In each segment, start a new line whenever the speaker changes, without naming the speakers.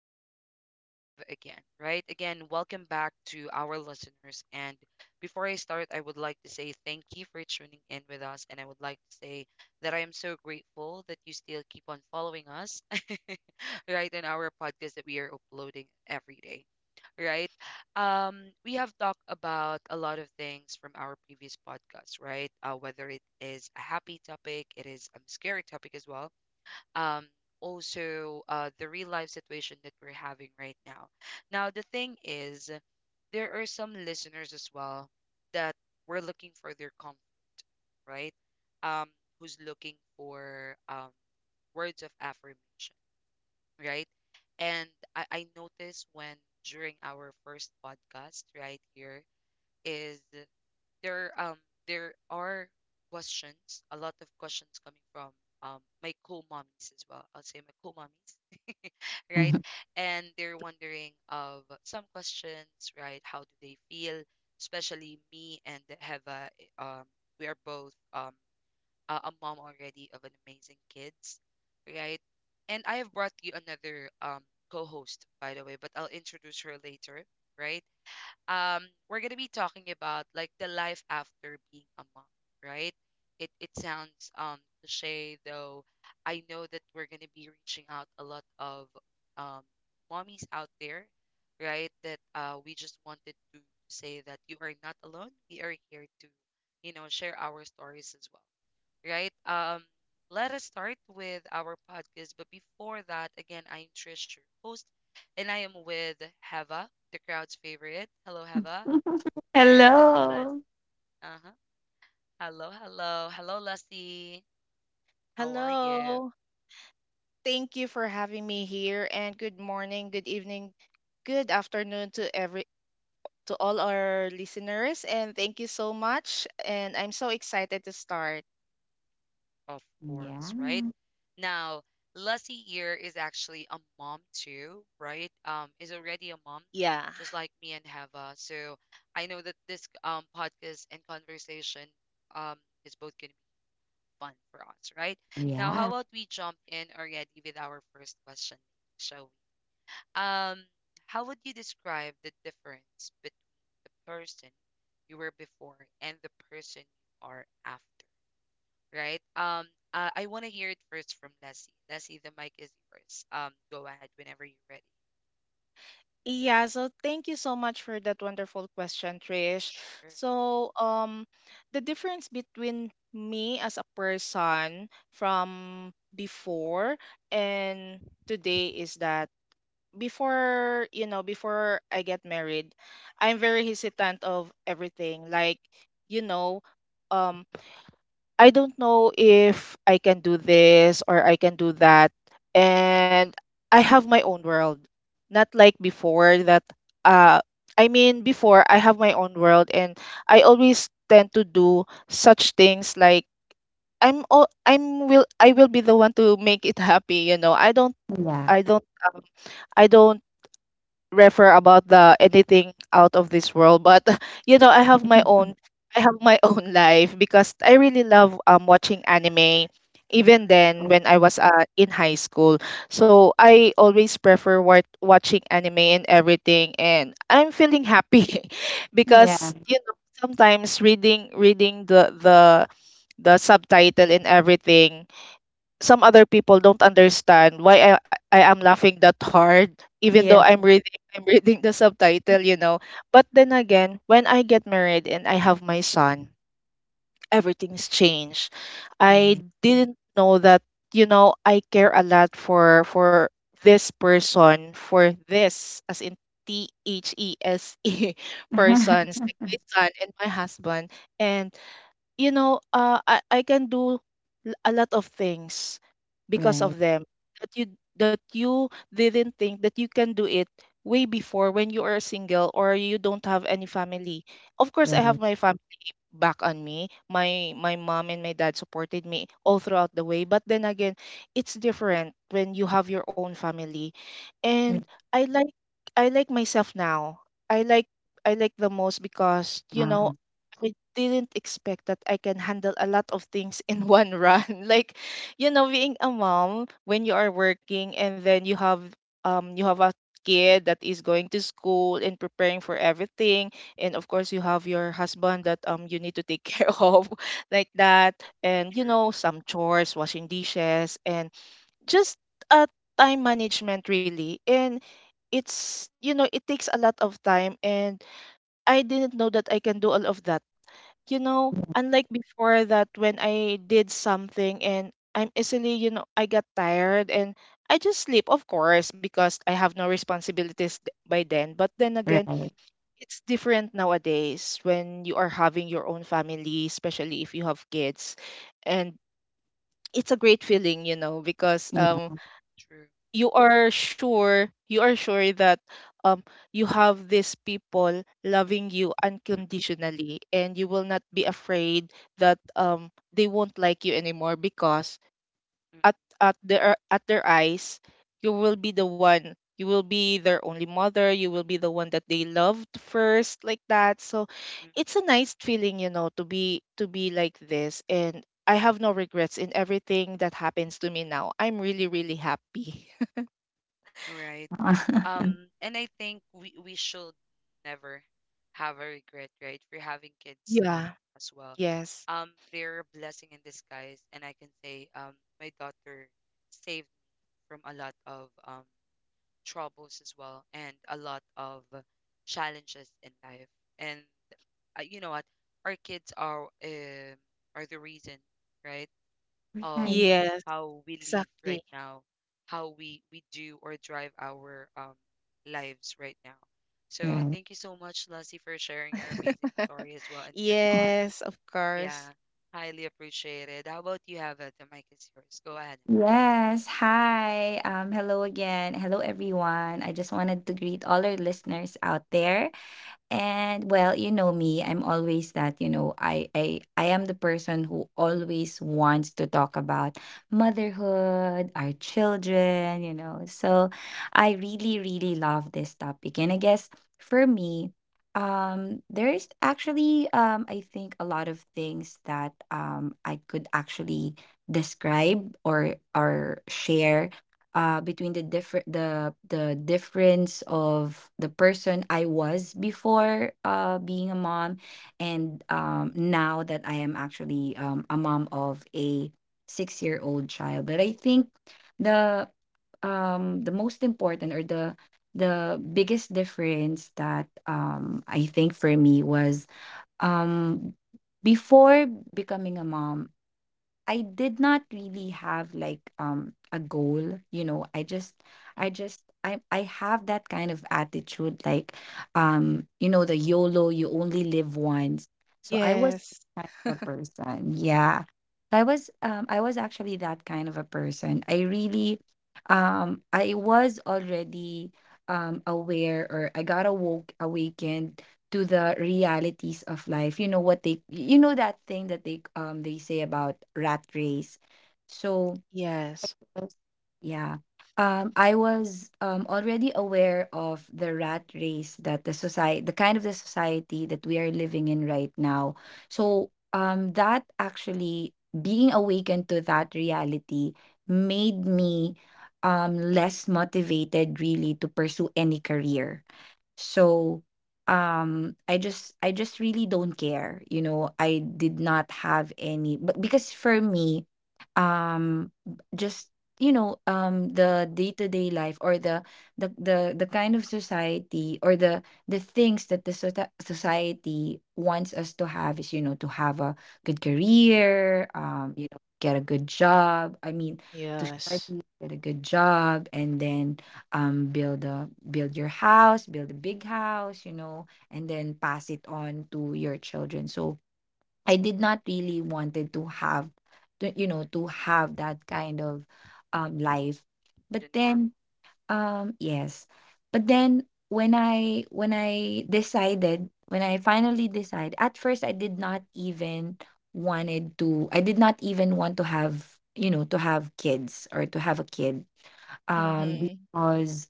we are live again, right? Again, welcome back to our listeners. And before I start, I would like to say thank you for tuning in with us. And I would like to say that I am so grateful that you still keep on following us, right? In our podcast that we are uploading every day, right? We have talked about a lot of things from our previous podcast, right? Whether it is a happy topic, it is a scary topic as well, um also the real life situation that we're having right now. Now the thing is, there are some listeners as well that were looking for their comfort, right? um Who's looking for words of affirmation, right? And I noticed, when during our first podcast right here is, there there are questions, a lot of questions coming from my co-mommies as well, I'll say my co-mommies, right? And they're wondering of some questions, right? How do they feel? Especially me and Heva, we are both a mom already of an amazing kids, right? And I have brought you another co-host, by the way, but I'll introduce her later, right? um we're gonna be talking about like the life after being a mom, right? It sounds cliche though. I know that we're gonna be reaching out a lot of um mommies out there, right? That we just wanted to say that you are not alone, we are here to, you know, share our stories as well, right? Let us start with our podcast. But before that, again, I am Trish, your host, and I am with Heva, the crowd's favorite. Hello, Heva, and Les.
Hello.
Uh huh. Hello, hello, hello, Leslie. How are you?
Hello. Thank you for having me here and good morning, good evening, good afternoon to all our listeners and thank you so much and I'm so excited to start.
Of course,
Yeah.
right? Now, Leslie here is actually a mom too, right? Is already a mom,
Yeah.
just like me and Heva. So I know that this podcast and conversation um is both gonna fun for us, right? Now, how
Yeah.
about we jump in already with our first question, shall we? Um, how would you describe the difference between the person you were before and the person you are after, right? I want to hear it first from Leslie. Leslie, the mic is yours. Go ahead whenever you're ready.
Yeah, so thank you so much for that wonderful question, Trish.
Sure.
So, the difference between me as a person from before and today is that before you know before I get married, I'm very hesitant of everything, like, you know um I don't know if I can do this or I can do that. And I have my own world, not like before that. uh I mean, before, I have my own world and I always tend to do such things like I will be the one to make it happy. You know,
Yeah.
i don't um, I don't refer about the anything out of this world, but you know i have my own I have my own life, because I really love watching anime, even
Oh,
then when I was in high school. So I always prefer watching anime and everything, and I'm feeling happy
yeah.
because you know sometimes reading the subtitle and everything, some other people don't understand why I am laughing that hard, even though
Yeah.
I'm reading the subtitle, you know. But then again, when I get married and I have my son, everything's changed. I
Right.
didn't know that, you know, I care a lot for this person, for this, as in These persons, like my son and my husband. And you know, I can do a lot of things because
Right.
of them, that you that you didn't think that you can do it way before when you are single or you don't have any family. Of course, I
Right.
have my back on me. My mom and my dad supported me all throughout the way. But then again, it's different when you have your own family. And I like I like myself now. I like I like the most because you
Uh,
know I didn't expect that I can handle a lot of things in one run. Like, you know, being a mom when you are working and then you have a kid that is going to school and preparing for
Mm.
everything, and of course you have your husband that you need to take care of, like that,
right.
and you
True.
know some chores, washing dishes, and just uh, time management really, and it's you know it takes a lot of time. And I didn't know that I can do all of that, unlike before that, when I did something and I'm easily you know I got tired and I just sleep, of course, because I have no responsibilities by then. But then again,
Right.
it's different nowadays when you are having your own family, especially if you have kids. And it's a great feeling, you know, because
Yeah.
True.
you are sure that um you have these people loving you
Mm,
unconditionally, and you will not be afraid that they won't like you anymore, because
mm,
at their eyes, you will be their only mother. You will be the one that they loved first, like that. So
mm.
it's a nice feeling, you know, to be like this, and I have no regrets in everything that happens to me now. I'm really really happy.
Right. And I think we should never have a regret, right? For having kids,
Yeah.
uh,
Yes.
they're a blessing in disguise, and I can say, my daughter saved me from a lot of troubles as well, and a lot of challenges in life. And you know what? Our kids are the reason, right, of
Right.
Yes.
how we live
Exactly.
right know how we do or drive our lives right now. So
Right.
thank you so much, Lassie, for sharing your amazing story and your thought.
Yes, of
Yeah,
course.
highly appreciated. How about you, have it? The mic is yours. Go ahead.
Yes. Hi. Hello again. Hello, everyone. I just wanted to greet all our listeners out there. And well, you know me, I'm always that, I am the person who always wants to talk about motherhood, our children. So I really really love this topic. And I guess for me, there is actually I think a lot of things that I could actually describe or share between the difference of the person I was before being a mom, and now that I am actually a mom of a 6-year old child. But I think the the most important or the biggest difference that I think for me was um before becoming a mom, I did not really have like a goal. I just
Mm.
I just I have that kind of attitude, like the YOLO, you only live once. So I was
Yes.
that kind of a person. Yeah. I was actually that kind of a person. I was already aware, or I got awoke awakened to the realities of life. You know that thing that they say about rat race. So
Yes.
yeah. I was already aware of the rat race that the kind of the society that we are living in right now. So that actually, being awakened to that reality, made me less motivated really to pursue any career, so I just really don't care. You know, I did not have any, but because for me, um just the day-to-day life, or the kind of society, or the things that the society wants us to have is, to have a good career, get a good job. I mean, to study,
Yes.
get a good job, and then build a big house, and then pass it on to your children. So I did not really wanted to have to, to have that kind of life. But
The normal.
then yes, but then when I finally decided, at first I did not even want to have, to have kids, or to have a kid,
Hmm.
because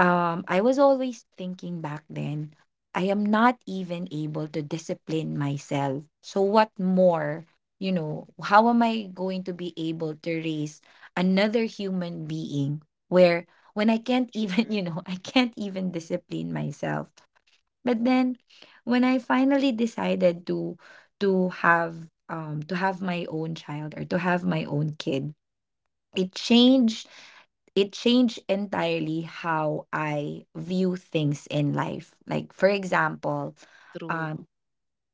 I was always thinking back then, I am not even able to discipline myself. So, what more? You know, how am I going to be able to raise another human being where when I can't even,
True.
I can't even discipline myself? But then when I finally decided to have my own child, or to have my own kid, it changed it changed entirely how I view things in life. Like, for example,
True.
um,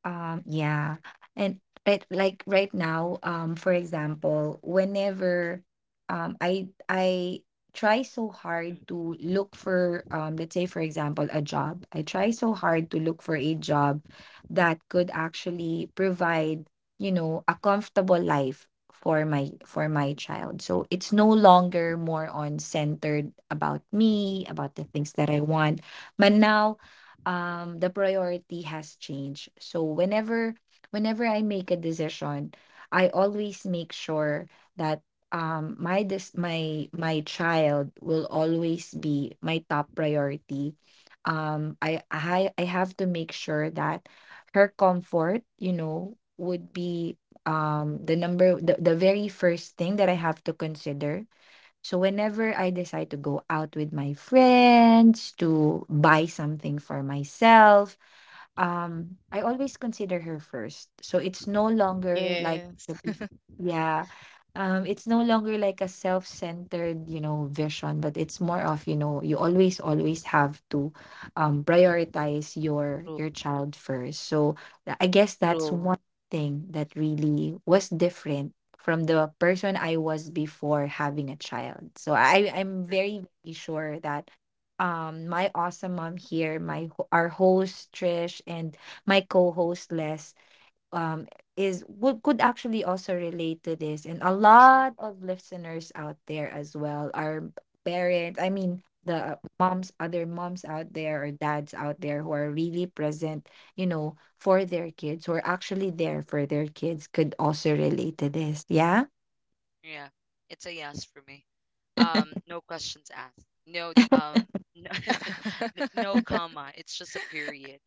yeah. And right like right now, for example, whenever I try so hard
Mm,
to look for let's say, for example, a job. I try so hard to look for a job that could actually provide a comfortable life for my child. So it's no longer more on centered about me, about the things that I want. But now the priority has changed. So whenever I make a decision, I always make sure that my this my my child will always be my top priority. I have to make sure that her comfort would be the very first thing that I have to consider. So
mm,
whenever I decide to go out with my friends, to buy something for myself, I always consider her first. So it's no longer like
Yes.
the bef- yeah. It's no longer like a self-centered vision, but
mm,
it's
mm.
more of you always, always have to prioritize your
True,
your child first. So I guess that's
true.
one thing that really was different from the person I was before having a child. So I'm
True.
very, very sure that my awesome mom here, our host Trish, and my co-host Les um is would could actually also relate to this, and a lot
True.
of listeners out there as well, our parents I mean the moms other moms out there, or dads out there, who are really present, for their kids, who are actually there for their kids, could also relate to this. Yeah.
Yeah, it's a yes for me. No questions asked. No, no, no comma. It's just a period.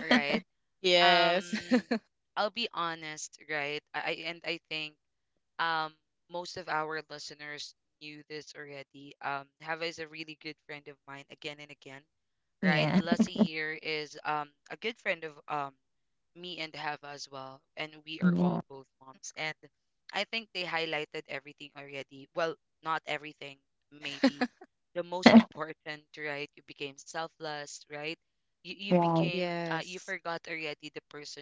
Right.
Yes.
um I'll be honest, right? And I think um most of our listeners knew this already. Hava is a really good friend of mine, again and again, right?
Yeah.
Lassie here is a good friend of me and Hava as well, and we are
Yeah.
all both moms. And I think they highlighted everything already. Well, not everything, maybe the most important, right? You became selfless, right? You
Right.
became you
Yes.
forgot already the person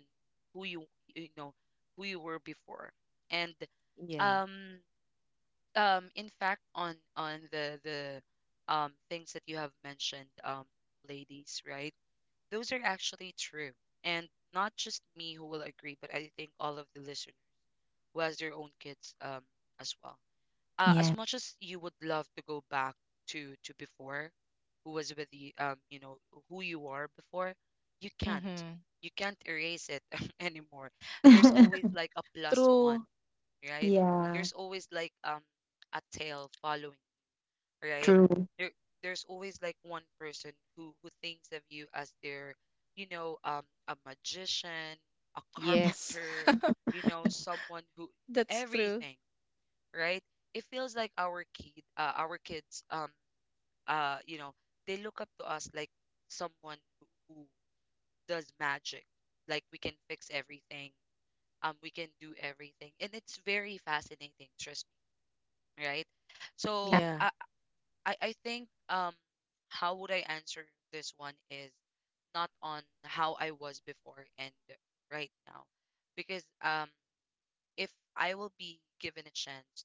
who you, you know, who you were before, and
Yeah.
um in fact on the things that you have mentioned ladies, right? Those are actually true. And not just me who will agree, but I think all of the listeners who has their own kids as well. As
Yeah.
much as you would love to go back to before, who was with the you know who you are before, you can't.
Mm-hmm.
You can't erase it anymore. There's always like a plus one,
True.
right?
Yeah.
There's always like a tail following, right?
True.
There, there's always like one person who thinks of you as their, you know, a magician, a
Yes.
carpenter, you know, someone who
That's true.
everything, right? It feels like our kid, our kids, you know, they look up to us like someone who does magic, like we can fix everything, we can do everything, and it's very fascinating, trust me, right? So,
Yeah.
I think how would I answer this one is not on how I was before and right now. Because if I will be given a chance to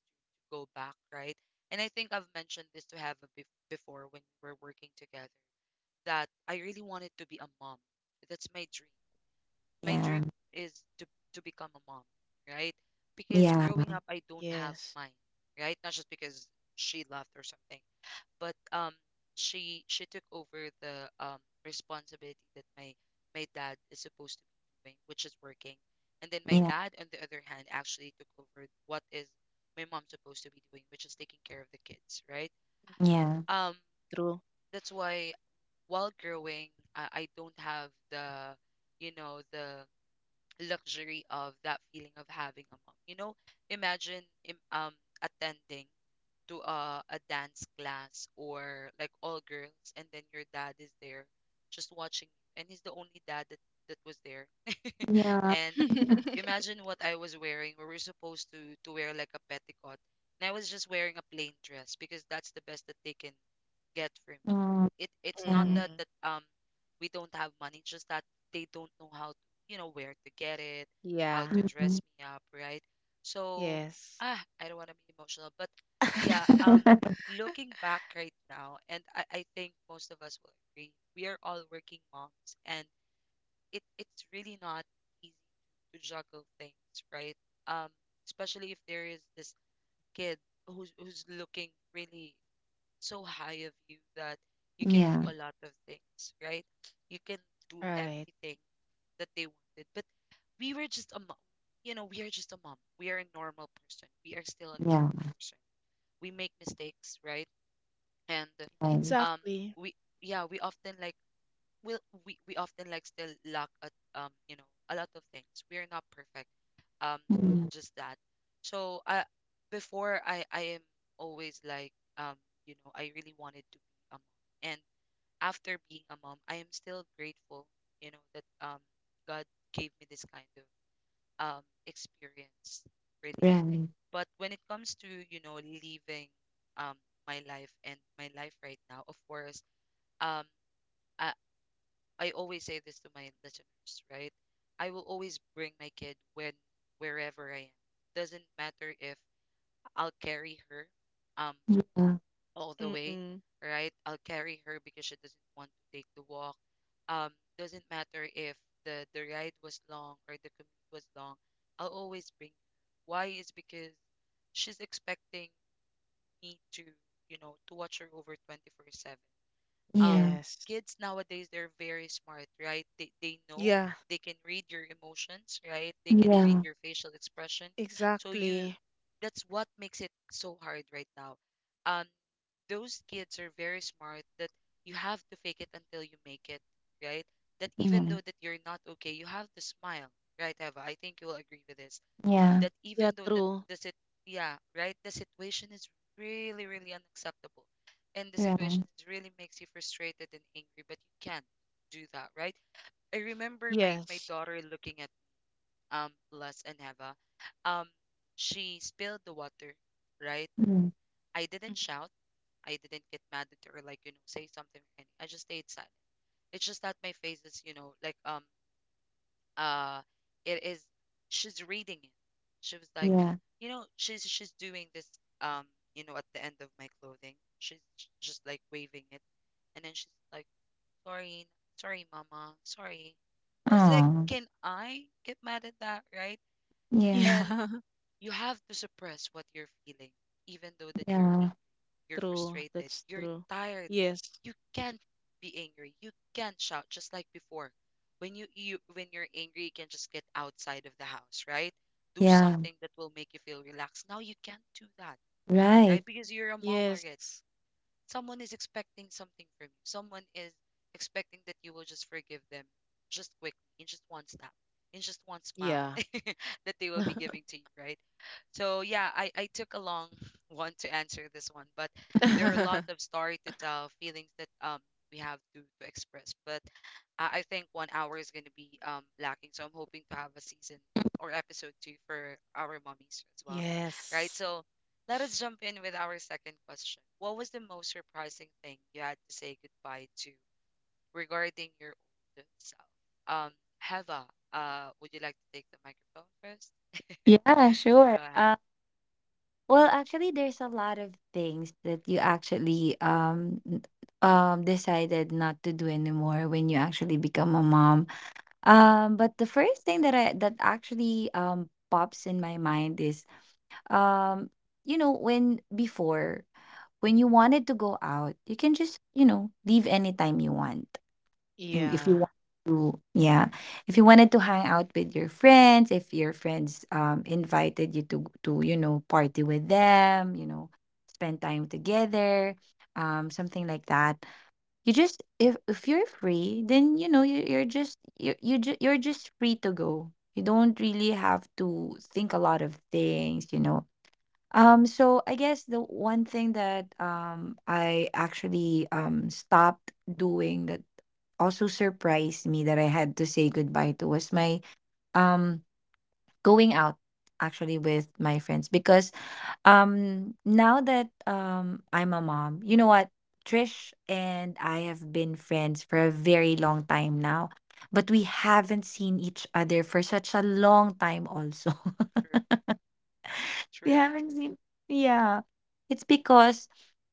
go back, right? And I think I've mentioned this to have before when we were working together that I really wanted to be a mom. That's my dream. My
Yeah,
dream is to become a mom, right? Because
yeah,
growing up I don't have
Yes.
mine, right? Not just because she left or something, but she took over the responsibility that my dad is supposed to be doing, which is working, and then my
yeah,
dad on the other hand actually took over what is my mom supposed to be doing, which is taking care of the kids, right?
yeah,
um
True.
that's why while growing, I don't have the, you know, the luxury of that feeling of having a mom, you know. Imagine attending to a dance class or like all girls, and then your dad is there just watching you, and he's the only dad that, that was there
yeah,
and
Mm-hmm.
imagine what I was wearing. We were supposed to wear like a petticoat, and I was just wearing a plain dress because that's the best that they can get for me.
mm,
It's not
yeah,
that we don't have money, it's just that they don't know how to, you know, where to get it, how
Yeah.
to
mm.
dress me up, right? So
Yes.
I don't want to be emotional, but yeah, looking back right now, and I think most of us will agree, we are all working moms, and it's really not easy to juggle things, right? um Especially if there is this kid who's looking really so high of you, that you can do
Yeah,
a lot of things, right? You can do
Right.
everything that they wanted. But we were just a mom. You know, we are just a mom. We are a normal person. We are still a
yeah.
normal person. We make mistakes, right? And
Right.
um,
Exactly.
we, yeah, we often like we we often like still lack at you know a lot of things. We're not perfect. Um,
Mm.
just that. So I before I am always like um you know, I really wanted to be a mom, and after being a mom, I am still grateful, you know, that God gave me this kind of experience really.
Right.
But when it comes to you know leaving um my life and my life right now, of course, um. I always say this to my listeners, right? I will always bring my kid when wherever I am. Doesn't matter if I'll carry her um
Yeah,
all the way,
Mm-mm.
right? I'll carry her because she doesn't want to take the walk. Um doesn't matter if the ride was long or the commute was long. I'll always bring her. Why is because she's expecting me to, you know, to watch her over 24/7. um
yeah,
Yes.
Kids nowadays, they're very smart, right? They know,
Yeah.
they can read your emotions, right? They can read your facial expression. So you,
Exactly.
that's what makes it so hard right now. um those kids are very smart, that you have to fake it until you make it, right? That even
yeah,
though that you're not okay, you have to smile, right? Eva, I think you'll agree with this,
yeah, yeah.
that even
Yeah.
though
True.
the sit yeah, right, the situation is really really unacceptable, and the
Right.
situation is really makes you frustrated and angry, but you can't do that, right? I remember my
Yes.
daughter looking at Les and Heva, um she spilled the water, right?
Mm.
I didn't
Mhm.
shout, I didn't get mad at her, like you know, say something or anything. I just stayed silent. It's just that my face is, uh it is, she's reading it. She was like,
Yeah.
she's doing this. um at the end of my clothing, she's just like waving it, and then she's like, sorry, sorry, mama, sorry. I was like,
Oh,
can I get mad at that, right?
yeah.
And
Yeah.
you have to suppress what you're feeling, even though that you're
Yeah.
angry, you're
True.
frustrated,
That's
you're
true.
tired.
Yes.
You can't be angry. You can't shout just like before. When you're angry, you can just get outside of the house, right? Do
Yeah.
something that will make you feel relaxed. Now you can't do that, right?
Right.
Because you're a mom already.
Yes.
Someone is expecting something from you. Someone is expecting that you will just forgive them just quickly, in just one snap, in just one smile
Yeah.
that they will be giving to you, right? So yeah, I took a long one to answer this one, but there are a lot of story to tell, feelings that we have to express. But I think one hour is gonna be lacking. So I'm hoping to have a season or episode 2 for our mummies as well. Right.
Yes.
So let us jump in with our second question. What was the most surprising thing you had to say goodbye to regarding your old self? Um, Heva, would you like to take the microphone first?
Yeah, sure.
Go ahead.
Well, actually, there's a lot of things that you actually decided not to do anymore when you actually become a mom. But the first thing that actually pops in my mind is um you know when before when you wanted to go out, you can just leave anytime you want. And if you
Yeah.
want to yeah, if you wanted to hang out with your friends, if your friends invited you to party with them, spend time together, something like that. You just If you're free, then you're just free to go. You don't really have to think a lot of things. So I guess the one thing that I actually stopped doing, that also surprised me, that I had to say goodbye to, was my um going out actually with my friends. Because now that I'm a mom, you know what? Trish and I have been friends for a very long time now, but we haven't seen each other for such a long time also.
True, true
we
enough.
haven't seen Yeah. It's because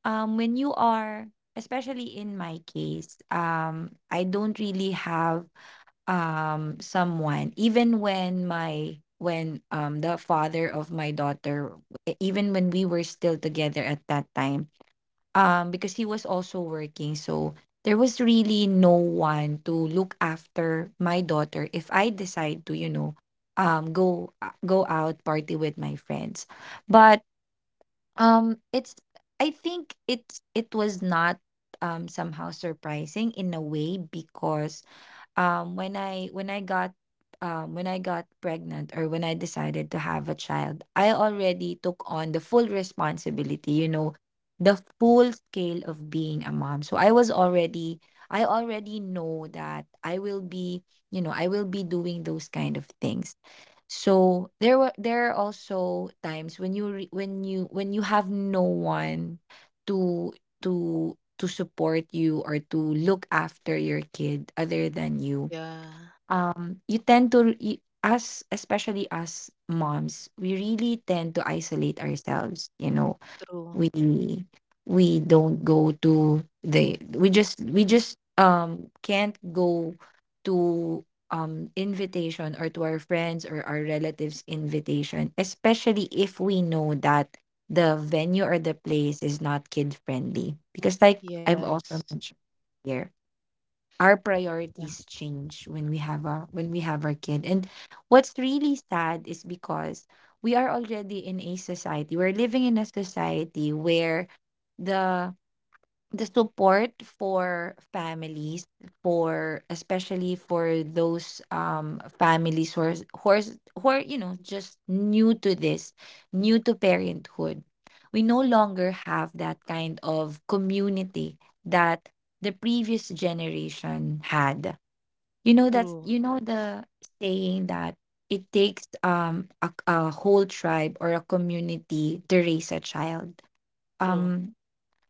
when you are especially in my case, I don't really have someone, even when my when the father of my daughter, even when we were still together at that time, because he was also working, so there was really no one to look after my daughter if I decide to, go out, party with my friends. But it's I think it was not somehow surprising in a way, because um when i when i got when I got pregnant, or when I decided to have a child, I already took on the full responsibility, the full scale of being a mom. So I already know that I will be doing those kind of things. So there are also times when you re, when you have no one to to to support you, or to look after your kid other than you.
Yeah.
You tend to us, especially us moms, we really tend to isolate ourselves.
True.
we we don't go to the we just can't go to invitation, or to our friends' or our relatives' invitation, especially if we know that the venue or the place is not kid friendly, because, like I've also
Yes.
mentioned here, our
Yeah.
priorities change when we have our kid. And what's really sad is because we're living in a society where the the support for families, for especially for those families who are, who are just new to this, new to parenthood, we no longer have that kind of community that the previous generation had. You know,
True.
the saying that it takes a whole tribe or a community to raise a child.
True.
Um,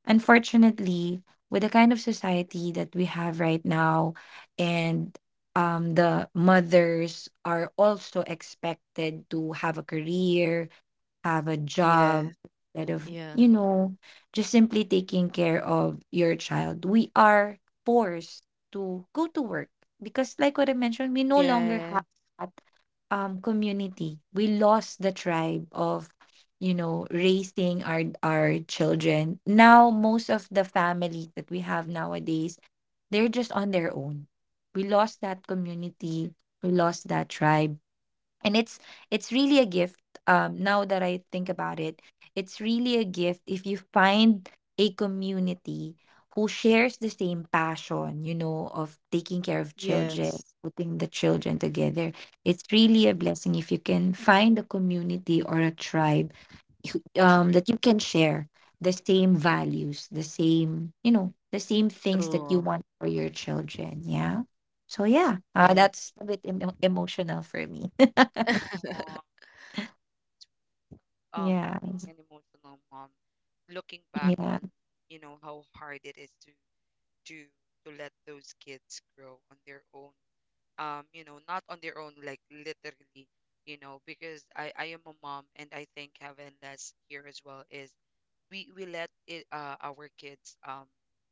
Unfortunately, with the kind of society that we have right now, and the mothers are also expected to have a career, have a job,
Yeah.
instead of
Yeah.
just simply taking care of your child. We are forced to go to work because, like what I mentioned, we no longer
Yeah.
have. Community. We lost the tribe of raising our children. Now most of the families that we have nowadays, they're just on their own. We lost that community, we lost that tribe. And it's really a gift, now that I think about it. It's really a gift if you find a community who shares the same passion, of taking care of children,
Yes.
putting the children together. It's really a blessing if you can find a community or a tribe
True
that you can
enough.
share the same values, the same, the same things that you
True.
want for your children, yeah. So yeah,
Yes.
that's a bit emotional for me.
Aw, um,
Yeah,
being an emotional mom, looking back
yeah,
on, how hard it is do to let those kids grow on their own, you know, not on their own, like literally, because I am a mom, and I think heaven that's here as well is, we let it our kids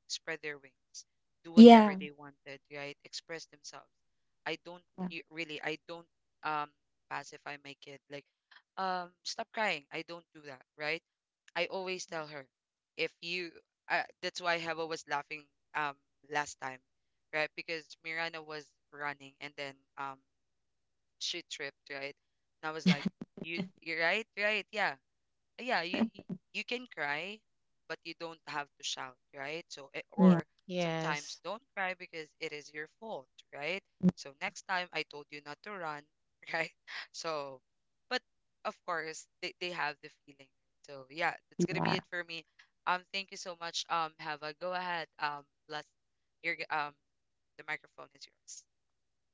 spread their wings, do whatever
yeah,
they wanted, right, express themselves. I don't,
yeah,
really, I don't um pacify my kid, like, stop crying. I don't do that, right? I always tell her, if you that's why Heva was laughing, um last time, right? Because Miranda was running, and then she tripped, right? And I was like, you're right, right? Yeah. Yeah, you can cry, but you don't have to shout, right? So
yeah,
or
Yes.
sometimes don't cry because it is your fault, right? So next time I told you not to run, right? So, but of course they have the feeling. So yeah, that's gonna be
yeah,
it for me. Thank you so much. Hava, go ahead. Bless your g- um the microphone is yours.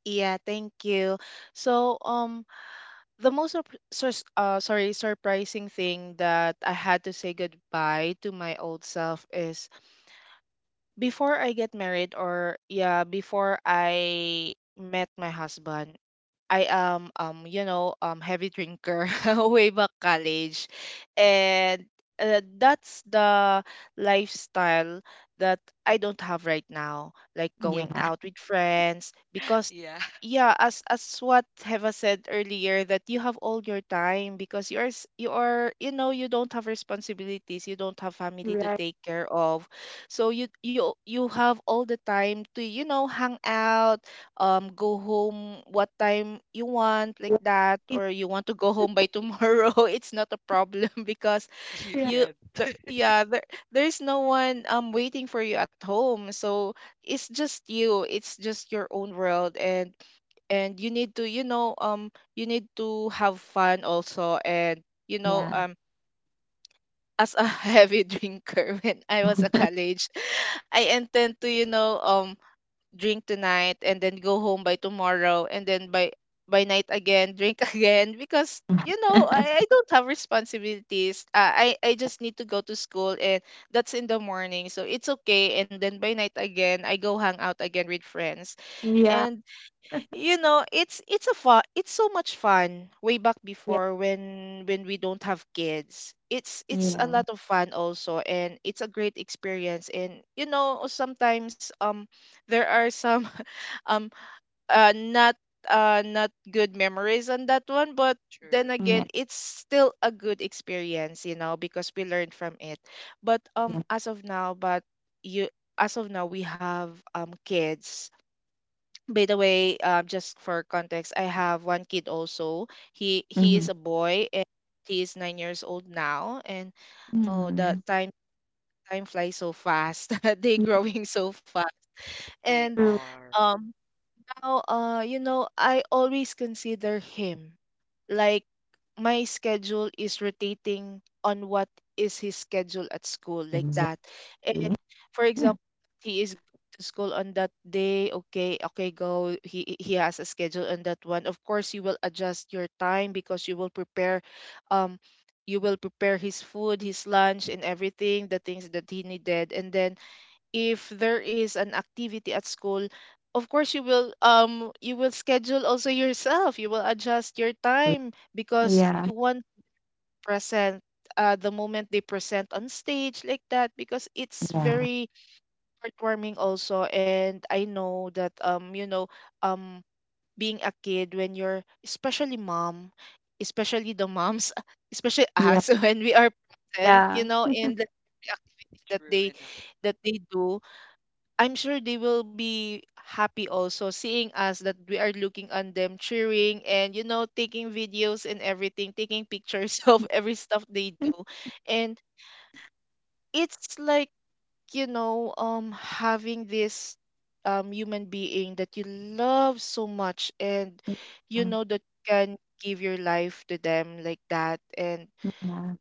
Yeah, thank you. So, the most surprising thing that I had to say goodbye to my old self is: before I get married, or yeah, before I met my husband, I am heavy drinker way back college. And that's the lifestyle that I don't have right now, like going
yeah.
out with friends, because
Yeah,
yeah, as what Heva said earlier, that you have all your time because you are s- you are you know you don't have responsibilities, you don't have family to
Right,
take care of. So you have all the time to hang out, go home what time you want, like
right,
that,
yeah,
or you want to go home by tomorrow. It's not a problem because
you
you
can.
there, yeah there, there's no one waiting for you at home. So it's just your own world, and you need to you know you need to have fun also. And you know
yeah,
um as a heavy drinker when I was a college, I intend to drink tonight and then go home by tomorrow, and then by night again drink again, because I don't have responsibilities. I just need to go to school, and that's in the morning so it's okay, and then by night again I go hang out again with friends.
yeah, yeah,
And it's a fun, it's so much fun way back before when we don't have kids. It's a
yeah,
lot of fun also, and it's a great experience, and sometimes there are some um not not good memories on that one. But then
True.
yeah, yeah.
again, it's still a good experience, because we learned from it. But you as of now we have kids. By the way, just for context, I have one kid also. He
Mm-hmm.
is a boy, and he is 9 years old now. And
It's nice.
oh, the
Mm-hmm.
time flies so fast. They
Yeah,
growing so fast.
They
And
true.
are
um, now, I always consider him, like, my schedule is rotating on what is his schedule at school, like
Exactly.
that. And for example, he is going to school on that day. Okay, okay, go. He has a schedule on that one. Of course, you will adjust your time because um, you will prepare his food, his lunch, and everything, the things that he needed. And then if there is an activity at school, of course you will schedule also yourself, you will adjust your time because
Yeah,
you want present the moment they present on stage, like that, because it's
yeah,
very heartwarming also. And I know that um being a kid, when you're especially mom, especially the moms, especially
yeah, yeah.
us, when we are present, in the activity that
true
they
enough.
that they do, I'm sure they will be happy also, seeing us that we are looking on them, cheering, and taking videos and everything, taking pictures of every stuff they do. And it's like, having this human being that you love so much, and you know that you can give your life to them, like that. And
Yeah,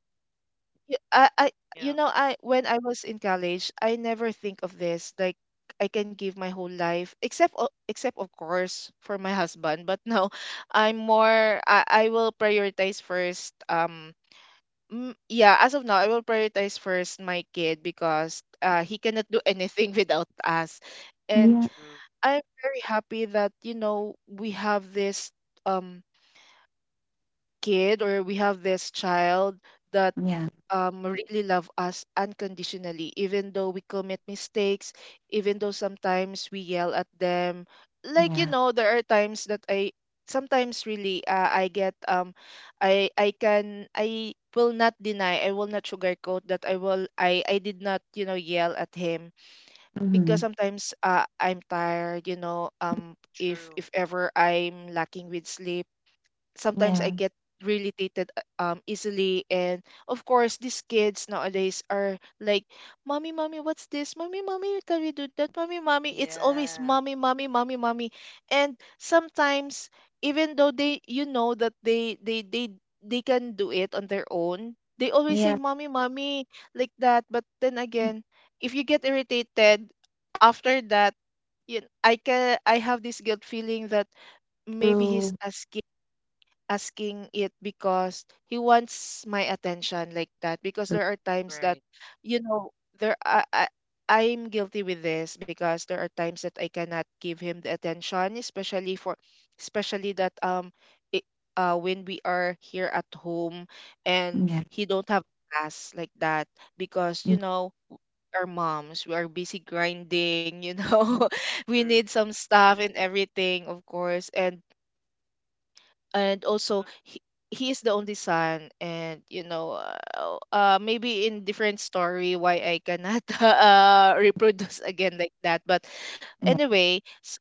Y- I, you
Yeah.
know, I when I was in college, I never think of this. Like, I can give my whole life, except except, of course, for my husband. But now, I'm more. I will prioritize first. Yeah, as of now, I will prioritize first my kid, because he cannot do anything without us. And
yeah,
True,
I'm very happy that we have this um kid, or we have this child that
yeah, yeah.
really love us unconditionally, even though we commit mistakes, even though sometimes we yell at them. Like you
Yeah.
know, there are times that I sometimes really I get um, I can I will not deny, I will not sugarcoat that I will I did not you know yell at him because
Mm-hmm.
sometimes I'm tired you know. If
true.
ever I'm lacking with sleep, sometimes I
Yeah,
get really irritated easily, and of course these kids nowadays are like mommy mommy what's this, mommy mommy can we do that, mommy mommy, it's always
Yeah,
mommy mommy mommy mommy. And sometimes, even though they you know that they can do it on their own, they always say
yeah,
mommy mommy like that. But then again, if you get irritated, after that you, I can, I have this guilt feeling that maybe
true.
he's asking, asking it, because he wants my attention like that. Because
True.
there are times that
right.
you know there I'm guilty with this because there are times that I cannot give him the attention, especially for, especially that it, when we are here at home and
Yeah,
he don't have class like that. Because
yeah,
you know, our moms, we are busy grinding you know, we
True.
need some stuff and everything of course. And also
Mm,
he is the only son, and you know, maybe in different story why I cannot reproduce again like that. But
yeah,
anyway,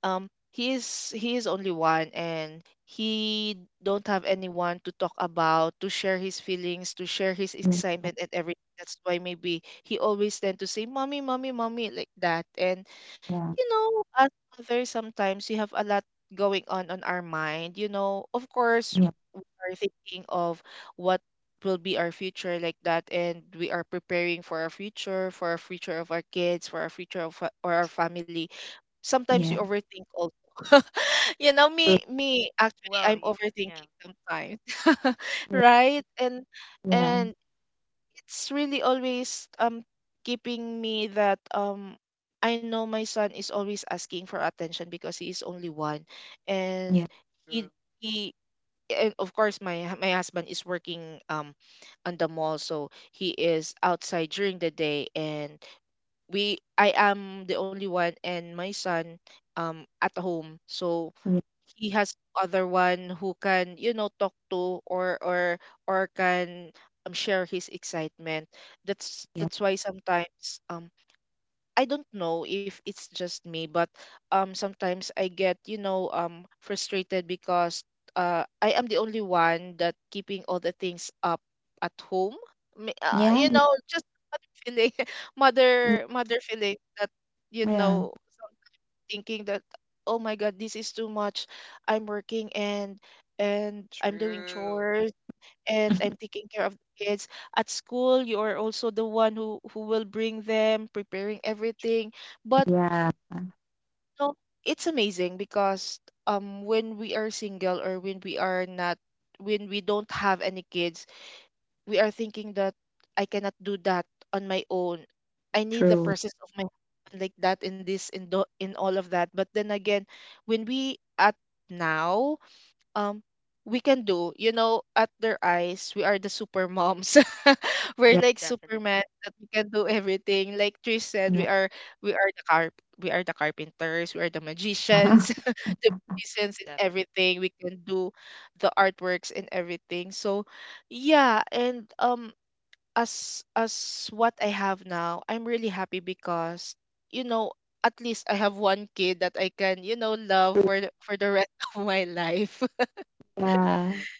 um he is, he is only one and he don't have anyone to talk about, to share his feelings, to share his
mm,
excitement and everything. That's why maybe he always tend to say mommy mommy mommy like that. And
yeah,
you know, as mothers, sometimes we have a lot going on our mind. You know, of course,
yeah,
we are thinking of what will be our future like that, and we are preparing for our future of our kids, for our future of fa- or our
true.
family. Sometimes we overthink also. You know,
yeah,
me actually,
Well,
I'm
you can, yeah,
overthinking sometimes,
yeah,
right?
yeah,
And it's really always keeping me that I know my son is always asking for attention because he is only one. And
yeah,
true,
he he and of course my my husband is working on the mall, so he is outside during the day, and we, I am the only one, and my son at home. So
yeah,
he has other one who can you know talk to, or can um share his excitement. That's why sometimes I don't know if it's just me, but sometimes I get you know frustrated because I am the only one that keeping all the things up at home.
yeah,
You
yeah,
true,
know, just mother feeling, mother mother feeling that you
yeah, yeah,
know, thinking that oh my god, this is too much. I'm working, and I'm doing
true.
chores, and I'm taking care of the kids. At school, you are also the one who will bring them, preparing everything. But
yeah,
no, it's amazing because when we are single, or when we are not, when we don't have any kids, we are thinking that I cannot do that on my own. I need the
true.
process of my, like that, in this, in the, in all of that. But then again, when we at now um we can do you know, at their eyes we are the super moms. We're
Yeah,
like superman,
Definitely,
that we can do everything. Like Trish said, we
yeah,
are, we are the carp, we are the carpenters, we are the magicians, the musicians, and
definitely,
everything we can do, the artworks and everything. So yeah, and as what I have now, I'm really happy because you know, at least I have one kid that I can you know love
true.
for the rest of my life.
Yeah,
definitely.